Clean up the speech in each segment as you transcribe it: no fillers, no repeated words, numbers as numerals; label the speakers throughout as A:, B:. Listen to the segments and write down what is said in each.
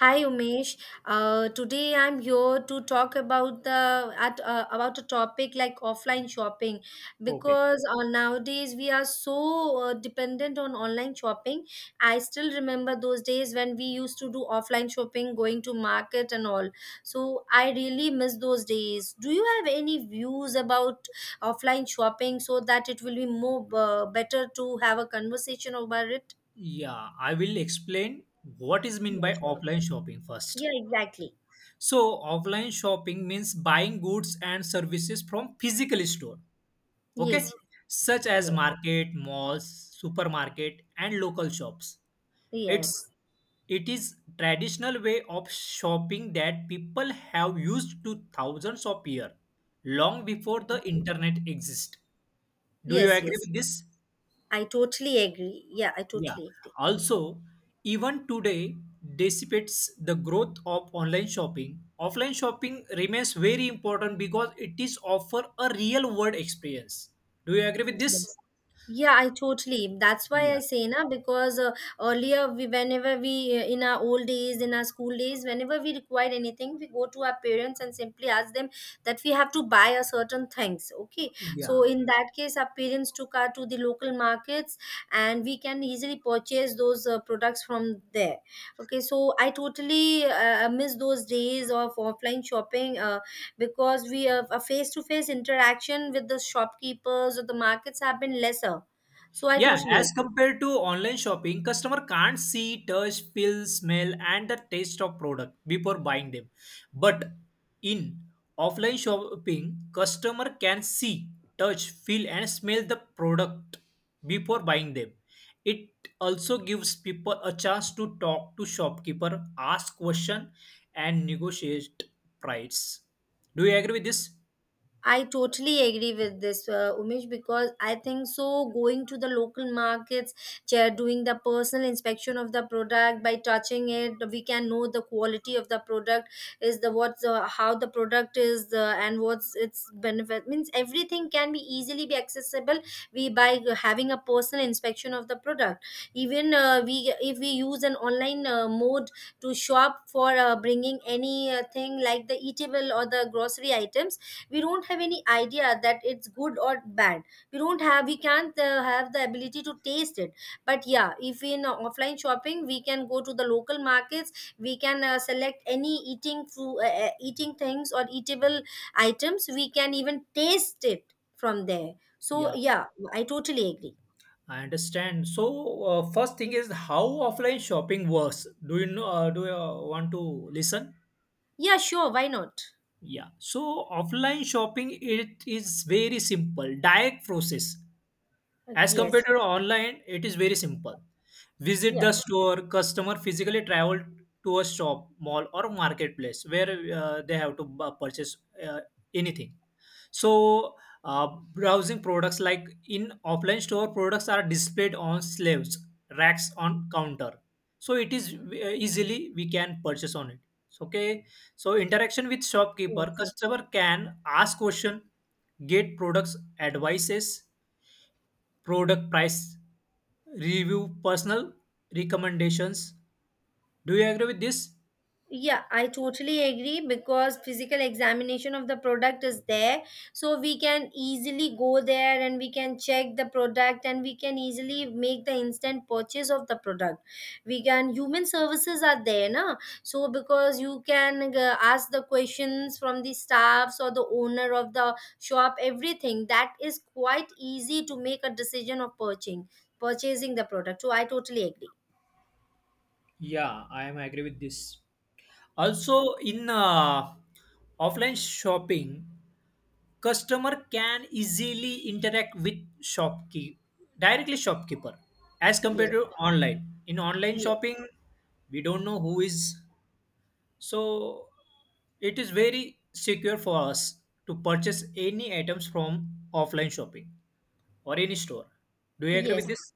A: Hi Umesh. Today I'm here to talk about the at about a topic like offline shopping
B: Okay.
A: because nowadays we are so dependent on online shopping. I still remember those days when we used to do offline shopping, going to market and all. So I really miss those days. Do you have any views about offline shopping so that it will be more better to have a conversation over it?
B: Yeah, I will explain what is mean
A: Yeah,
B: by
A: sure.
B: offline shopping first.
A: Yeah, exactly.
B: So, offline shopping means buying goods and services from physical store, okay?
A: Yes,
B: Such as
A: yes.
B: market, malls, supermarket and local shops. It's
A: Yes.
B: it is traditional way of shopping that people have used to thousands of years long before the internet exist. Do you
A: Yes,
B: agree
A: yes.
B: with
A: yes.
B: this?
A: I totally agree. Yeah, I
B: Yeah.
A: totally agree.
B: Also, even today, dissipates the growth of online shopping. Offline shopping remains very important because it is offer a real world experience. Do you agree with this?
A: Yes. Yeah, I totally. That's why I
B: Yeah.
A: say na because earlier we whenever we in our old days in our school days whenever we required anything we go to our parents and simply ask them that we have to buy a certain things. Okay,
B: Yeah.
A: so in that case our parents took us to the local markets and we can easily purchase those products from there. Okay, so I totally miss those days of offline shopping. Because we have a face to face interaction with the shopkeepers or the markets have been lesser so I
B: Yeah,
A: totally
B: as
A: agree.
B: compared to online shopping, customer can't see, touch, feel, smell, and the taste of product before buying them. But in offline shopping, customer can see, touch, feel, and smell the product before buying them. It also gives people a chance to talk to shopkeeper, ask question, and negotiate price. Do you agree with this?
A: I totally agree with this, Umesh, because I think so. Going to the local markets, doing the personal inspection of the product by touching it, we can know the quality of the product is the what's how the product is and what's its benefit. Means everything can be easily be accessible. We by having a personal inspection of the product. Even we if we use an online mode to shop for bringing anything like the eatable or the grocery items we don't have any idea that it's good or bad we can't have the ability to taste it but yeah if in offline shopping we can go to the local markets we can select any eating food eating things or eatable items we can even taste it from there so
B: Yeah.
A: yeah I totally agree.
B: I understand. So, first thing is how offline shopping works. Do you know? Do you want to listen?
A: Yeah, sure, why not.
B: Yeah. So offline shopping it is very simple, direct process. As
A: Yes.
B: compared to online, it is very simple. Visit
A: Yeah,
B: the store, customer physically travel to a shop, mall or marketplace where they have to purchase uh, anything. So browsing products like in offline store products are displayed on shelves, racks on counter. So it is easily we can purchase on it. So, okay, so interaction with shopkeeper,
A: yes, yes.
B: customer can ask question, get products advices, product price review, personal recommendations. Do you agree with this?
A: Yeah, I totally agree because physical examination of the product is there. So we can easily go there and we can check the product and we can easily make the instant purchase of the product. We can, human services are there, na? So because you can ask the questions from the staffs or the owner of the shop, everything that is quite easy to make a decision of purchasing the product. So I totally agree.
B: Yeah, I am agree with this. Also, in offline shopping, customer can easily interact with shopkeep directly shopkeeper as compared
A: Yes.
B: to online. In online
A: Yes.
B: shopping, we don't know who is. So it is very secure for us to purchase any items from offline shopping or any store. Do you agree
A: Yes.
B: with this?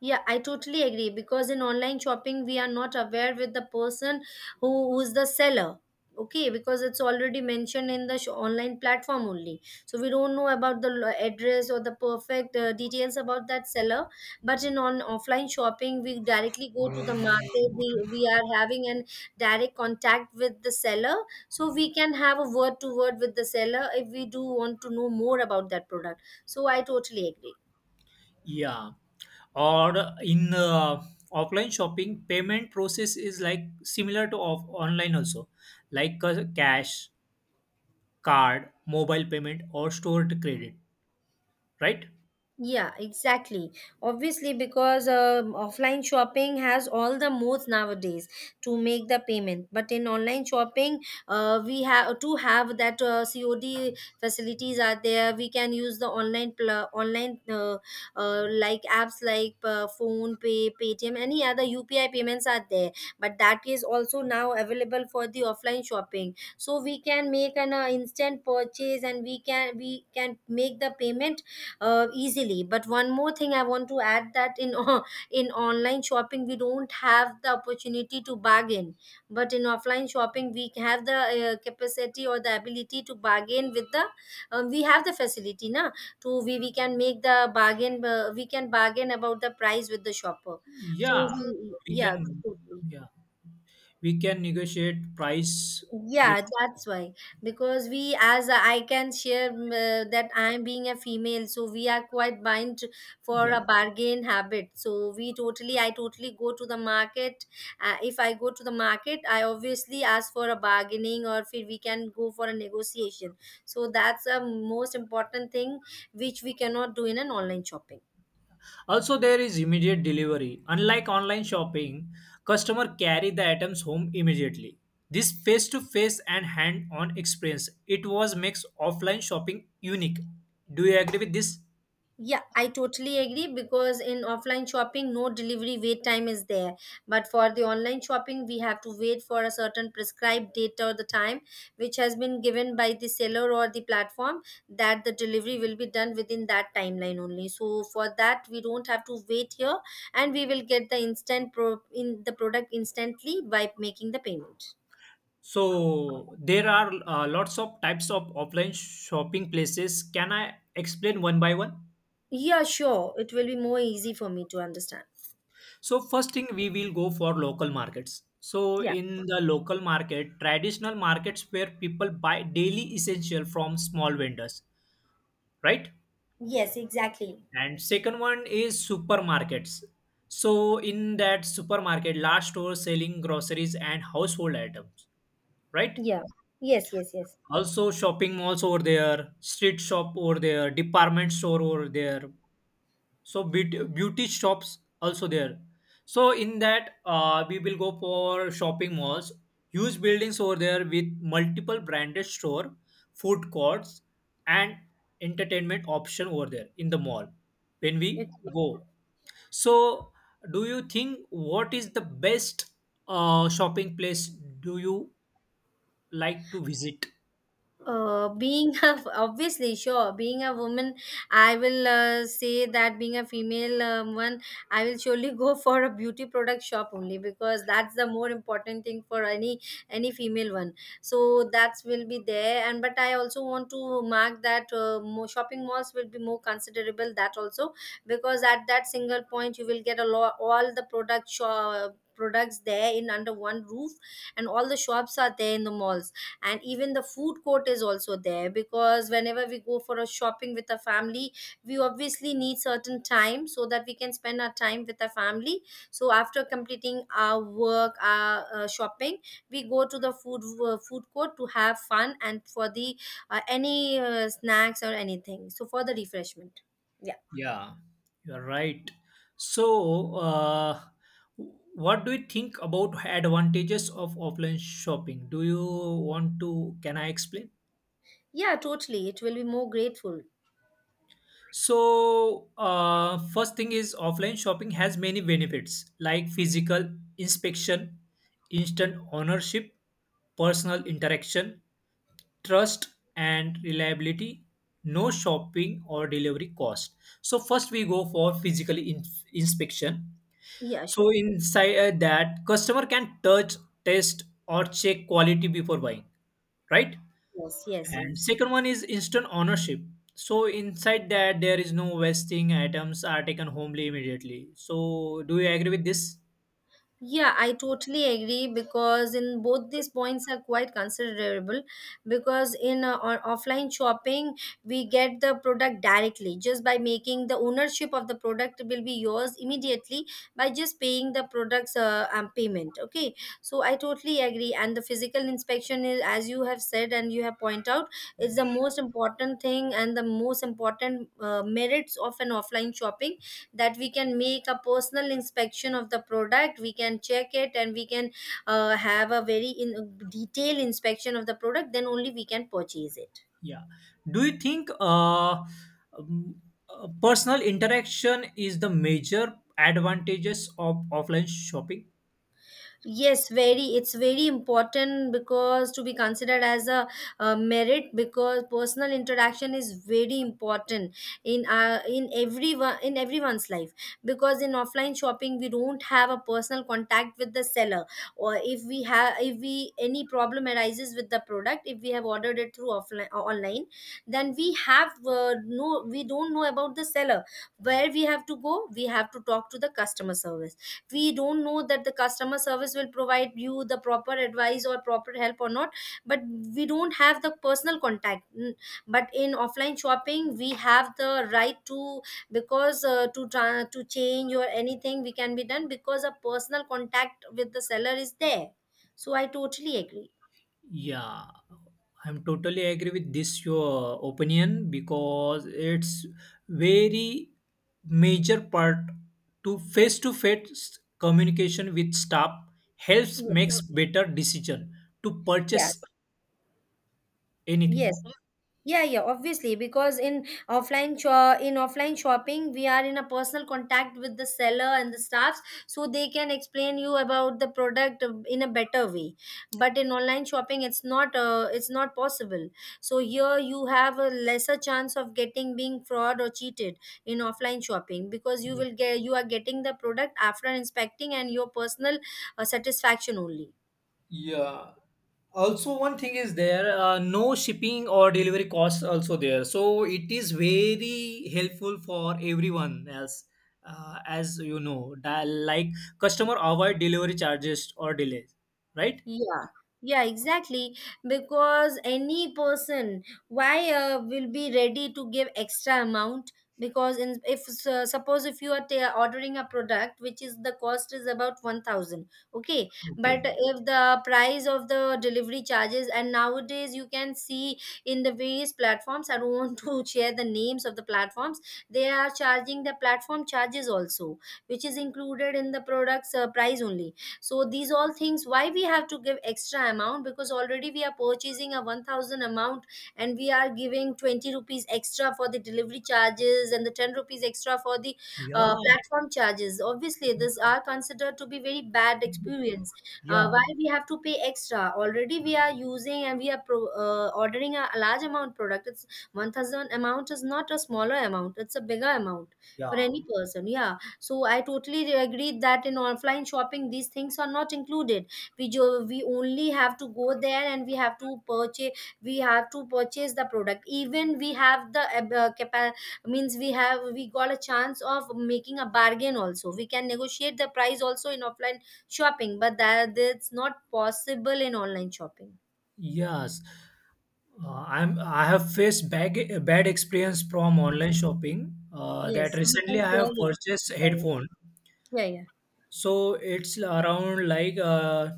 A: Yeah, I totally agree because in online shopping we are not aware with the person who's the seller. Okay, because it's already mentioned in the online platform only. So we don't know about the address or the perfect details about that seller. But in on offline shopping, we directly go to the market. We are having an direct contact with the seller, so we can have a word to word with the seller if we do want to know more about that product. So I totally agree.
B: Yeah. Or in offline shopping, payment process is like similar to online also, like cash, card, mobile payment, or stored credit, right?
A: Yeah, exactly. Obviously, because offline shopping has all the modes nowadays to make the payment. But in online shopping, we have to have that COD facilities are there. We can use the online like apps like phone pay, Paytm, any other UPI payments are there. But that is also now available for the offline shopping. So we can make an instant purchase, and we can make the payment easily but one more thing I want to add that in in online shopping we don't have the opportunity to bargain but in offline shopping we have the capacity or the ability to bargain with the we have the facility na to we can make the bargain we can bargain about the price with the shopper so
B: Yeah,
A: we,
B: we
A: yeah
B: can.
A: totally.
B: Yeah, we can negotiate price with.
A: Yeah, that's why because we as I can share that I'm being a female so we are quite bind for
B: Yeah.
A: a bargain habit so we totally I totally go to the market if I go to the market I obviously ask for a bargaining or if we can go for a negotiation so that's a most important thing which we cannot do in an online shopping.
B: Also, there is immediate delivery. Unlike online shopping, customer carry the items home immediately. This face-to-face and hand-on experience it was makes offline shopping unique. Do you agree with this?
A: Yeah, I totally agree because in offline shopping, no delivery wait time is there. But for the online shopping, we have to wait for a certain prescribed date or the time which has been given by the seller or the platform that the delivery will be done within that timeline only. So for that, we don't have to wait here and we will get the instant pro in the product instantly by making the payment.
B: So there are lots of types of offline shopping places. Can I explain one by one?
A: Yeah, sure. It will be more easy for me to understand.
B: So first thing we will go for local markets. So
A: Yeah.
B: in the local market, traditional markets where people buy daily essential from small vendors, right?
A: Yes, exactly.
B: And second one is supermarkets. So in that supermarket, large stores selling groceries and household items, right?
A: Yeah. Yes, yes, yes.
B: Also shopping malls over there, street shop over there, department store over there. So beauty shops also there. So in that, we will go for shopping malls, huge buildings over there with multiple branded store, food courts, and entertainment option over there in the mall when
A: It,
B: we go, so do you think what is the best shopping place do you like to visit?
A: Being a, obviously sure being a woman I will say that being a female one I will surely go for a beauty product shop only because that's the more important thing for any female one so that will be there and but I also want to mark that more shopping malls will be more considerable that also because at that single point you will get a lot all the products there in under one roof and all the shops are there in the malls and even the food court is also there because whenever we go for a shopping with a family we obviously need certain time so that we can spend our time with our family so after completing our work our shopping we go to the food court to have fun and for the any snacks or anything so for the refreshment yeah.
B: Yeah, you're right. So, what do you think about advantages of offline shopping? Do you want to? Can I explain?
A: Yeah totally, it will be more grateful.
B: So, first thing is offline shopping has many benefits like physical inspection, instant ownership, personal interaction, trust and reliability, no shopping or delivery cost. So first we go for physical inspection.
A: Yeah, sure.
B: So inside that, customer can touch, test or check quality before buying, right?
A: Yes, yes,
B: And
A: yes.
B: second one is instant ownership. So inside that there is no wasting, items are taken homely immediately. So do you agree with this?
A: Yeah, I totally agree because in both these points are quite considerable because in offline shopping we get the product directly just by making the ownership of the product will be yours immediately by just paying the product's payment okay so I totally agree and the physical inspection is as you have said and you have pointed out is the most important thing and the most important merits of an offline shopping that we can make a personal inspection of the product we can check it and we can have a very in detailed inspection of the product then only we can purchase it.
B: Yeah. Do you think um, personal interaction is the major advantages of offline shopping?
A: Yes very it's very important because to be considered as a, merit because personal interaction is very important in everyone in everyone's life because in offline shopping we don't have a personal contact with the seller or if we have if we any problem arises with the product if we have ordered it through offline online then we have we don't know about the seller where we have to go we have to talk to the customer service we don't know that the customer service will provide you the proper advice or proper help or not but we don't have the personal contact. Mm, but in offline shopping we have the right to because to change or anything we can be done because a personal contact with the seller is there so I totally agree.
B: Yeah, I'm totally agree with this your opinion because it's very major part to face communication with staff helps
A: Yes,
B: makes better decision to purchase
A: yes, yes.
B: anything.
A: Yeah, yeah obviously because in offline shopping we are in a personal contact with the seller and the staffs so they can explain you about the product in a better way but in online shopping it's not possible so here you have a lesser chance of getting being fraud or cheated in offline shopping because you are getting the product after inspecting and your personal satisfaction only.
B: Yeah. Also, one thing is there, no shipping or delivery costs also there. So it is very helpful for everyone else, as you know, like customer avoid delivery charges or delays, right?
A: Yeah, yeah, exactly. Because any person, why will be ready to give extra amount? Because in, if suppose if you are ordering a product which is the cost is about 1,000, okay. But
B: Okay.
A: if the price of the delivery charges and nowadays you can see in the various platforms. I don't want to share the names of the platforms. They are charging the platform charges also, which is included in the product's price only, so these all things, why we have to give extra amount? Because already we are purchasing a 1000 amount and we are giving 20 rupees extra for the delivery charges and the 10 rupees extra for the
B: Yeah.
A: platform charges. Obviously this are considered to be very bad experience. uh,
B: Yeah.
A: why we have to pay extra? Already we are using and we are ordering a large amount product. It's 1000 amount is not a smaller amount, it's a bigger amount for
B: Yeah.
A: any person, yeah. So I totally agree that in offline shopping these things are not included. We only have to go there and we have to purchase. We have to purchase the product. Even we have the means we have we got a chance of making a bargain also. We can negotiate the price also in offline shopping, but that's not possible in online shopping.
B: Yes. I have faced bad experience from online shopping. That
A: Yes, you
B: recently
A: can
B: I
A: share
B: have purchased
A: it.
B: headphone.
A: Yeah, yeah.
B: So it's around like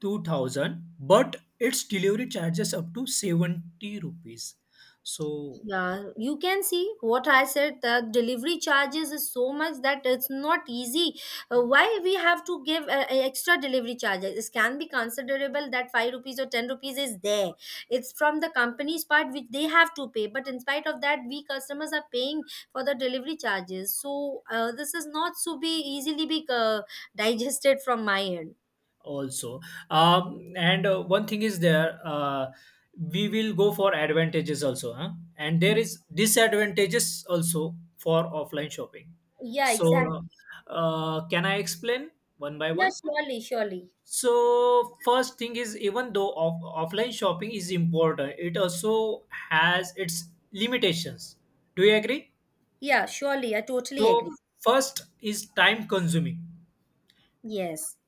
B: 2000, but its delivery charges up to 70 rupees. So
A: Yeah, you can see what I said. The delivery charges is so much that it's not easy. Why we have to give extra delivery charges? It can be considerable that five rupees or ten rupees is there. It's from the company's part which they have to pay. But in spite of that, we customers are paying for the delivery charges. So this is not so be easily be digested from my end.
B: also, and one thing is there, we will go for advantages also, huh? And there is disadvantages also for offline shopping.
A: Yeah, exactly.
B: So can I explain one by
A: Yeah,
B: one?
A: surely, surely.
B: So first thing is, even though offline shopping is important, it also has its limitations. Do you agree?
A: Yeah, surely. I totally
B: So
A: agree.
B: first is time consuming.
A: Yes.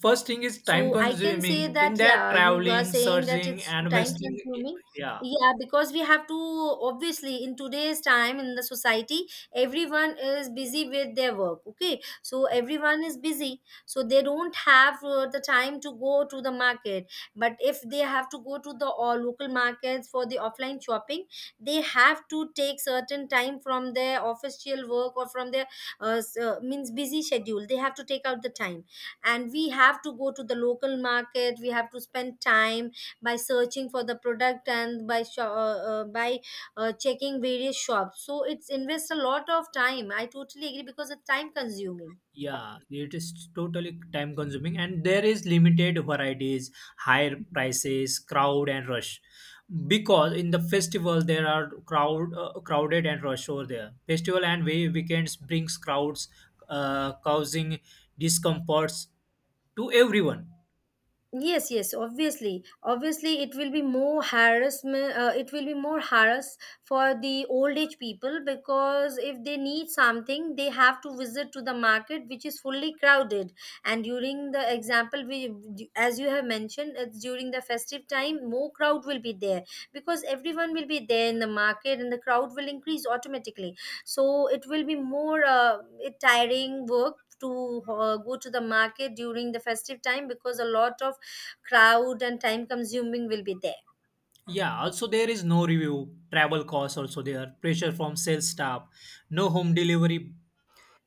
B: First thing is time
A: So I can say
B: consuming in
A: that,
B: that
A: yeah, you are
B: traveling,
A: saying that
B: searching
A: it's
B: and
A: time
B: wasting.
A: consuming.
B: Yeah.
A: Yeah, because we have to, obviously in today's time in the society, everyone is busy with their work. Okay, so everyone is busy, so they don't have the time to go to the market. But if they have to go to the local markets for the offline shopping, they have to take certain time from their official work or from their means busy schedule. They have to take out the time and we have to go to the local market, we have to spend time by searching for the product and by checking various shops. So it's invest a lot of time, I totally agree because it's time consuming.
B: Yeah, it is totally time consuming and there is limited varieties, higher prices, crowd and rush. Because in the festival there are crowd crowded and rush over there. Festival and weekends brings crowds causing discomforts to everyone.
A: Yes, yes, obviously, obviously it will be more harassment. It will be more harass for the old age people, because if they need something they have to visit to the market which is fully crowded. And during the example, we, as you have mentioned, it's during the festive time more crowd will be there, because everyone will be there in the market and the crowd will increase automatically. So it will be more tiring work to go to the market during the festive time, because a lot of crowd and time consuming will be there.
B: Yeah, also there is no review, travel costs also there, pressure from sales staff, no home delivery.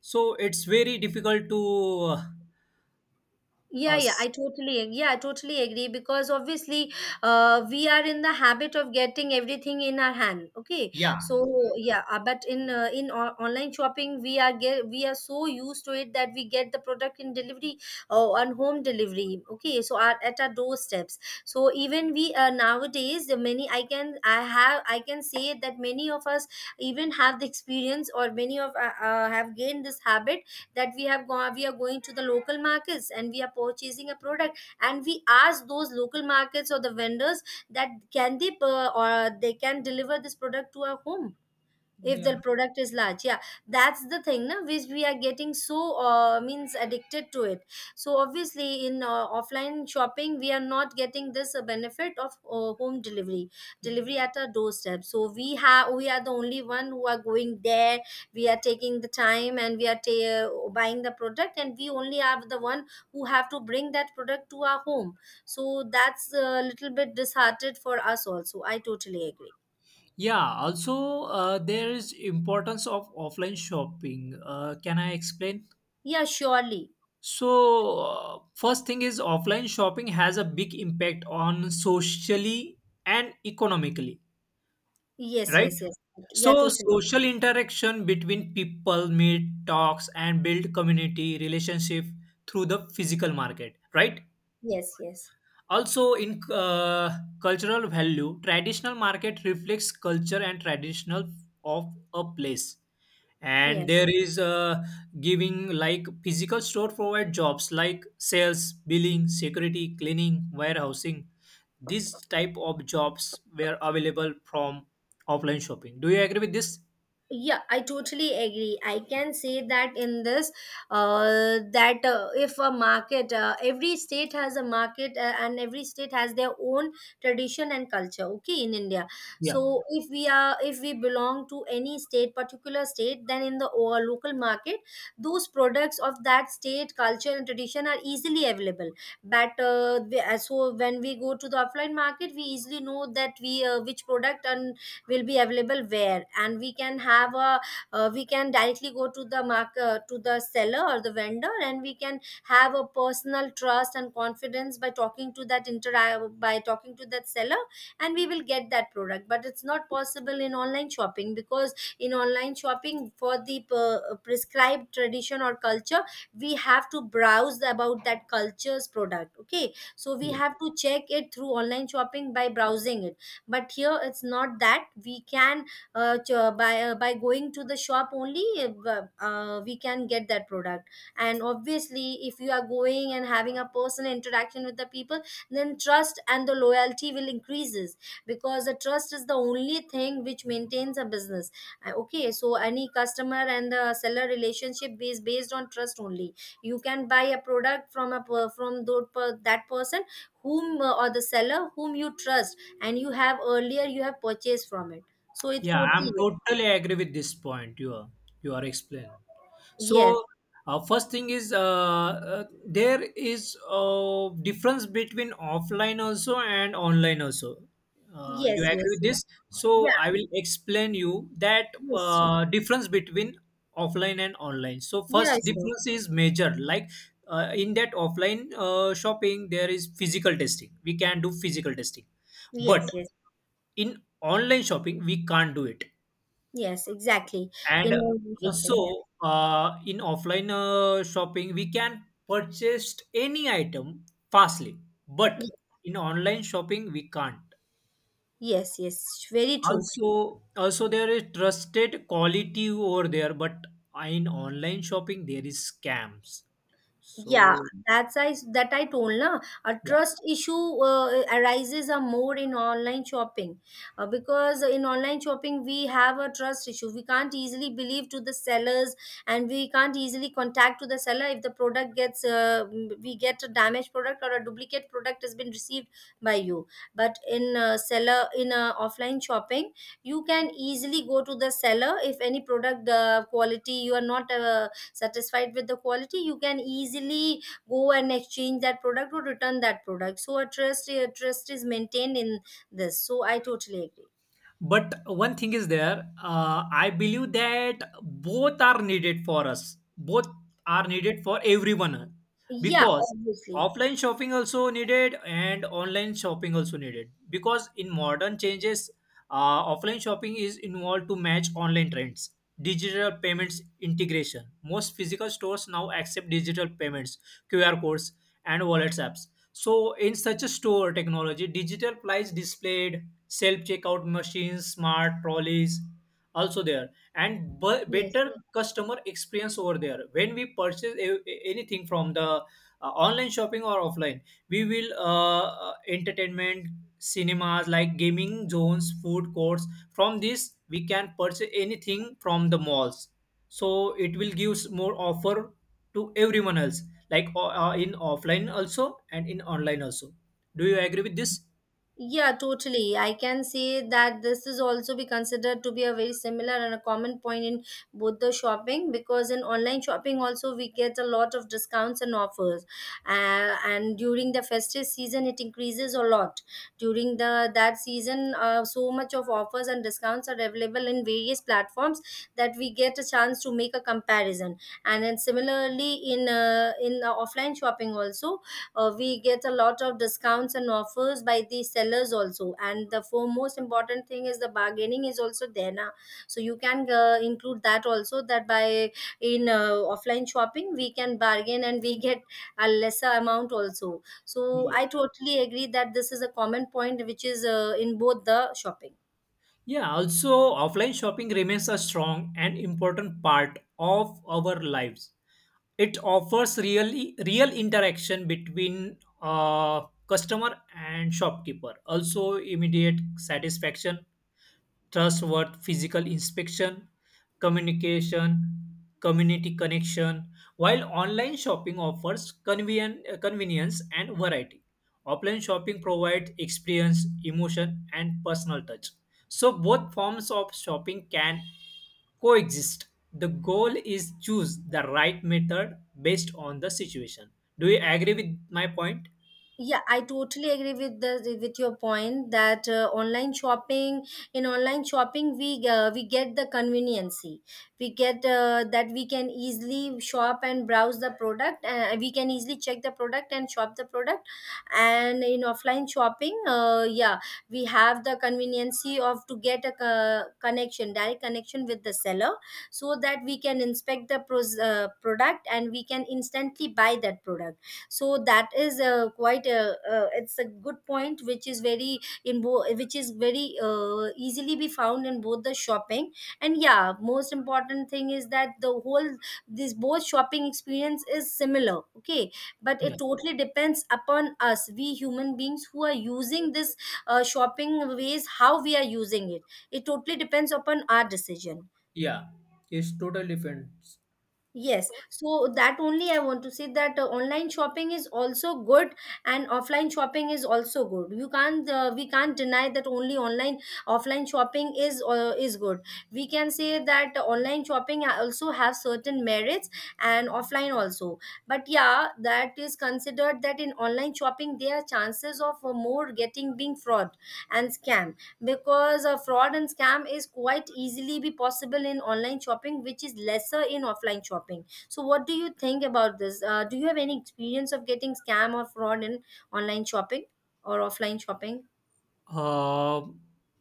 B: So it's very difficult to
A: Yeah, yeah,
B: us.
A: yeah, I totally agree because obviously we are in the habit of getting everything in our hand, okay.
B: Yeah.
A: So yeah, but in online shopping we are get, we are so used to it that we get the product in delivery or on home delivery, okay, so our, at our doorsteps. So even we nowadays, the many, I can say that many of us even have the experience, or many of have gained this habit. That we have gone, we are going to the local markets and we are purchasing a product, and we ask those local markets or the vendors that can they or they can deliver this product to our home if the
B: Yeah.
A: product is large, yeah. That's the thing na, which we are getting, so means addicted to it. So obviously in offline shopping we are not getting this benefit of home delivery, delivery at our doorstep. So we have, we are the only one who are going there, we are taking the time and we are buying the product, and we only are the one who have to bring that product to our home. So that's a little bit disheartened for us also, I totally agree.
B: Yeah, also there is importance of offline shopping. Can I explain?
A: Yeah, surely.
B: So first thing is offline shopping has a big impact on socially and economically,
A: Yes,
B: right?
A: yes,
B: Mm.
A: yes. Yeah,
B: So
A: totally.
B: social interaction between people, meet, talks, and build community relationship through the physical market, right?
A: Yes, yes.
B: Also in cultural value, traditional market reflects culture and traditional of a place. And
A: Yes.
B: there is giving like physical store provide jobs like sales, billing, security, cleaning, warehousing. These type of jobs were available from offline shopping. Do you agree with this?
A: Yeah, I totally agree. I can say that in this that if a market, every state has a market, and every state has their own tradition and culture, okay, in India.
B: Yeah.
A: So if we are, if we belong to any state, particular state, then in the or local market, those products of that state culture and tradition are easily available. But so when we go to the offline market we easily know that we which product and will be available where, and we can have a we can directly go to the market, to the seller or the vendor, and we can have a personal trust and confidence by talking to that inter by talking to that seller and we will get that product. But it's not possible in online shopping, because in online shopping for the prescribed tradition or culture, we have to browse about that culture's product, okay, so we
B: Yeah.
A: have to check it through online shopping by browsing it. But here it's not that we can by going to the shop only we can get that product. And obviously if you are going and having a personal interaction with the people, then trust and the loyalty will increases, because the trust is the only thing which maintains a business. Okay, so any customer and the seller relationship is based on trust only. You can buy a product from a that person whom or the seller whom you trust and you have earlier you have purchased from it, so it's
B: Yeah, I'm
A: totally.
B: totally agree with this point you are explained So,
A: Yes,
B: first thing is there is a difference between offline also and online also.
A: yes,
B: You agree
A: yes,
B: with this?
A: yes.
B: So,
A: Yeah.
B: I will explain you that
A: Yes, sure.
B: difference between offline and online. So,
A: Yeah,
B: first
A: sure.
B: difference is major. Like in that offline shopping, there is physical testing. We can do physical testing,
A: Yes,
B: but
A: yes.
B: in online shopping, we can't do it.
A: Yes, exactly. In
B: And
A: online shopping, yeah.
B: also, in offline shopping, we can purchase any item fastly, but
A: Ye-
B: in online shopping, we can't.
A: yes, yes, very true.
B: Also, there is trusted quality over there, but in online shopping, there is scams.
A: Yeah,
B: So,
A: that's I that I told na, a
B: yeah.
A: trust issue arises a more in online shopping. Because in online shopping we have a trust issue. We can't easily believe to the sellers and we can't easily contact to the seller if the product gets we get a damaged product or a duplicate product has been received by you. But in seller in offline shopping, you can easily go to the seller if any product quality you are not. Satisfied with the quality, you can easily go and exchange that product or return that product, so a trust is maintained in this, so I totally agree.
B: But one thing is there, I believe that both are needed for everyone,
A: Yeah,
B: because
A: obviously.
B: offline shopping also needed and online shopping also needed. Because in modern changes, offline shopping is involved to match online trends, digital payments integration, most physical stores now accept digital payments, QR codes and wallets apps. So, in such a store, technology, digital price displayed, self checkout machines, smart trolleys, also there, and
A: Yes.
B: better customer experience over there. When we purchase anything from the online shopping or offline, we will entertainment, cinemas like gaming zones, food courts, from this we can purchase anything from the malls. So it will give more offer to everyone else, like in offline also and in online also. Do you agree with this?
A: Yeah, totally. I can say that this is also be considered to be a very similar and a common point in both the shopping, because in online shopping also we get a lot of discounts and offers, and during the festive season it increases a lot. During the that season, so much of offers and discounts are available in various platforms that we get a chance to make a comparison. And then similarly in offline shopping also, we get a lot of discounts and offers by the sellers also, and the foremost important thing is the bargaining is also there now. So you can include that also, that by in offline shopping we can bargain and we get a lesser amount also. So
B: Yeah.
A: I totally agree that this is a common point which is in both the shopping.
B: Yeah, also offline shopping remains a strong and important part of our lives. It offers real interaction between customer and shopkeeper. Also, immediate satisfaction, trustworth physical inspection, communication, community connection. While online shopping offers convenience and variety, offline shopping provides experience, emotion, and personal touch. So both forms of shopping can coexist. The goal is choose the right method based on the situation. Do you agree with my point?
A: Yeah, I totally agree with the with your point that online shopping, we get the conveniency, we get that we can easily shop and browse the product. We can easily check the product and shop the product. And in offline shopping yeah, we have the conveniency of to get a connection direct connection with the seller, so that we can inspect the product and we can instantly buy that product. So that is quite a it's a good point which is very which is very easily be found in both the shopping. And yeah, most important thing is that the whole this both shopping experience is similar, okay. But
B: Yeah.
A: it totally depends upon us, we human beings who are using this shopping ways, how we are using it. It totally depends upon our decision.
B: Yeah. It's total different.
A: Yes, so that only I want to say that online shopping is also good and offline shopping is also good. You can't we can't deny that only online offline shopping is good. We can say that online shopping also have certain merits and offline also. But yeah, that is considered that in online shopping there are chances of more getting being fraud and scam, because a fraud and scam is quite easily be possible in online shopping which is lesser in offline shopping. So what do you think about this? Do you have any experience of getting scam or fraud in online shopping or offline shopping?
B: Uh,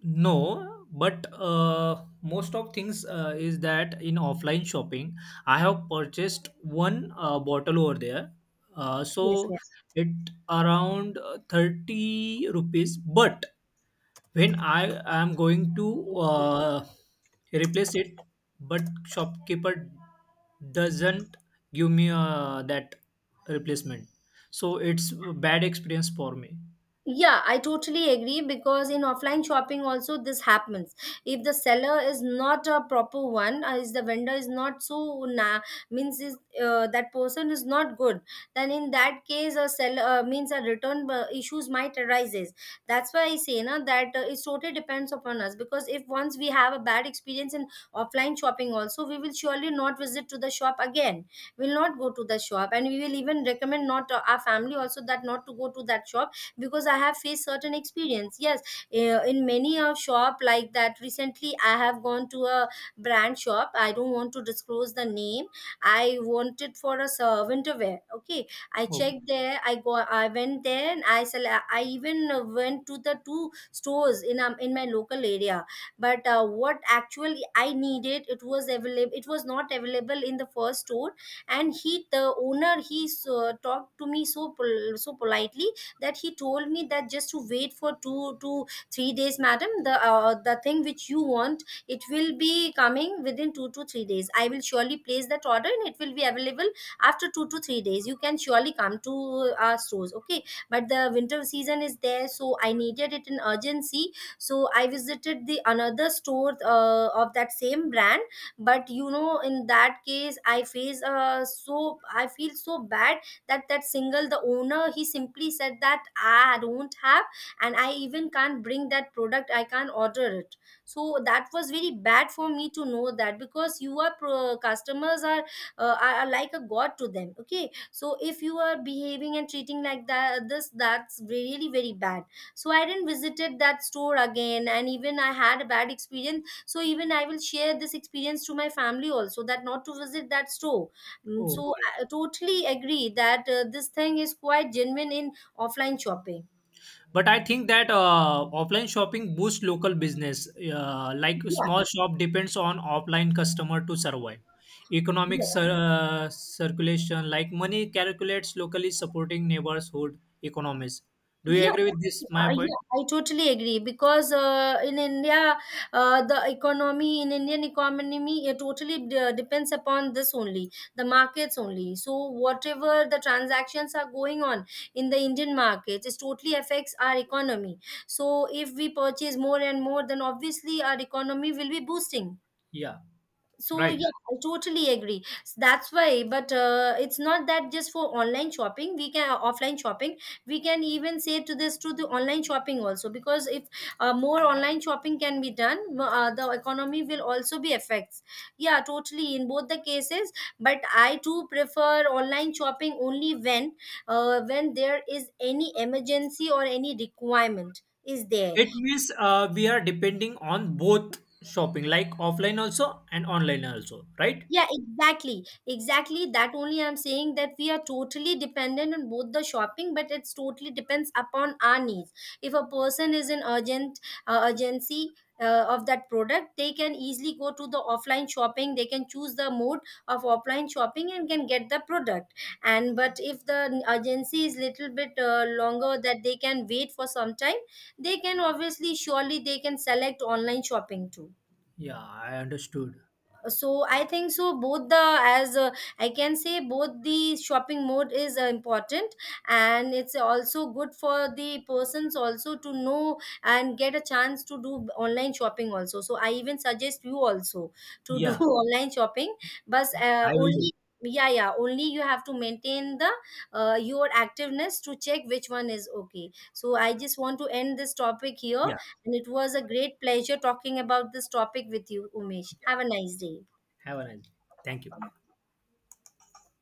B: no, but most of things is that in offline shopping, I have purchased one bottle over there.
A: Yes,
B: So
A: yes.
B: it around 30 rupees, but when I am going to uh, replace it, but shopkeeper doesn't give me that replacement, so it's a bad experience for me.
A: Yeah, I totally agree because in offline shopping also this happens. If the seller is not a proper one, is the vendor is not so na means is that person is not good, then in that case a seller means a return issues might arises. That's why I say na that it totally depends upon us because if once we have a bad experience in offline shopping also, we will surely not visit to the shop again. We'll not go to the shop and we will even recommend not our family also that not to go to that shop because I have faced certain experience, yes. In many of shop like that, recently I have gone to a brand shop. I don't want to disclose the name. I wanted for a winter wear, okay? I
B: Okay.
A: checked there. I went there and I even went to the two stores in my local area. But what actually I needed, it was not available in the first store. And he the owner, he talked to me so politely that he told me that just to wait for 2 to 3 days, madam. The thing which you want, it will be coming within 2 to 3 days. I will surely place that order and it will be available after 2 to 3 days. You can surely come to our stores, okay? But the winter season is there, so I needed it in urgency. So I visited the another store of that same brand. But in that case, I feel so bad. That that single the owner, he simply said that "Ah, I don't have and I even can't bring that product. I can't order it." So that was very bad for me to know that because you are customers are like a god to them, okay? So if you are behaving and treating like that, this that's really very bad. So I didn't visited that store again and even I had a bad experience, so even I will share this experience to my family also that not to visit that store. So
B: Okay.
A: totally agree that this thing is quite genuine in offline shopping.
B: But I think that offline shopping boosts local business. Like
A: Yeah,
B: small shop depends on offline customer to survive. Economic
A: yeah,
B: circulation, like money calculates locally supporting neighborhood economies. Do you
A: yeah.
B: agree with this? My
A: Yeah,
B: point.
A: I totally agree because in India, the economy in Indian economy, it totally depends upon this only, the markets only. So whatever the transactions are going on in the Indian market, it totally affects our economy. So if we purchase more and more, then obviously our economy will be boosting.
B: Yeah,
A: So
B: right.
A: yeah, I totally agree. That's why, but it's not that just for online shopping. We can offline shopping. We can even say to this to the online shopping also because if more online shopping can be done, the economy will also be affects. Yeah, totally in both the cases. But I too prefer online shopping only when there is any emergency or any requirement is there.
B: It means we are depending on both shopping, like offline also and online also, right?
A: Yeah, exactly. Exactly. That only I'm saying that we are totally dependent on both the shopping, but it's totally depends upon our needs. If a person is in urgent urgency of that product, they can easily go to the offline shopping. They can choose the mode of offline shopping and can get the product. And but if the urgency is little bit longer, that they can wait for some time, they can obviously surely they can select online shopping too.
B: Yeah, I understood.
A: So I think, so both the as, I can say, both the shopping mode is important, and it's also good for the persons also to know and get a chance to do online shopping also. So I even suggest you also to do
B: Yeah,
A: online shopping, but
B: I will do.
A: only yeah, yeah, only you have to maintain the your activeness to check which one is okay. So I just want to end this topic here,
B: Yeah,
A: and it was a great pleasure talking about this topic with you, Umesh. Have a nice day.
B: have a nice day. Thank you.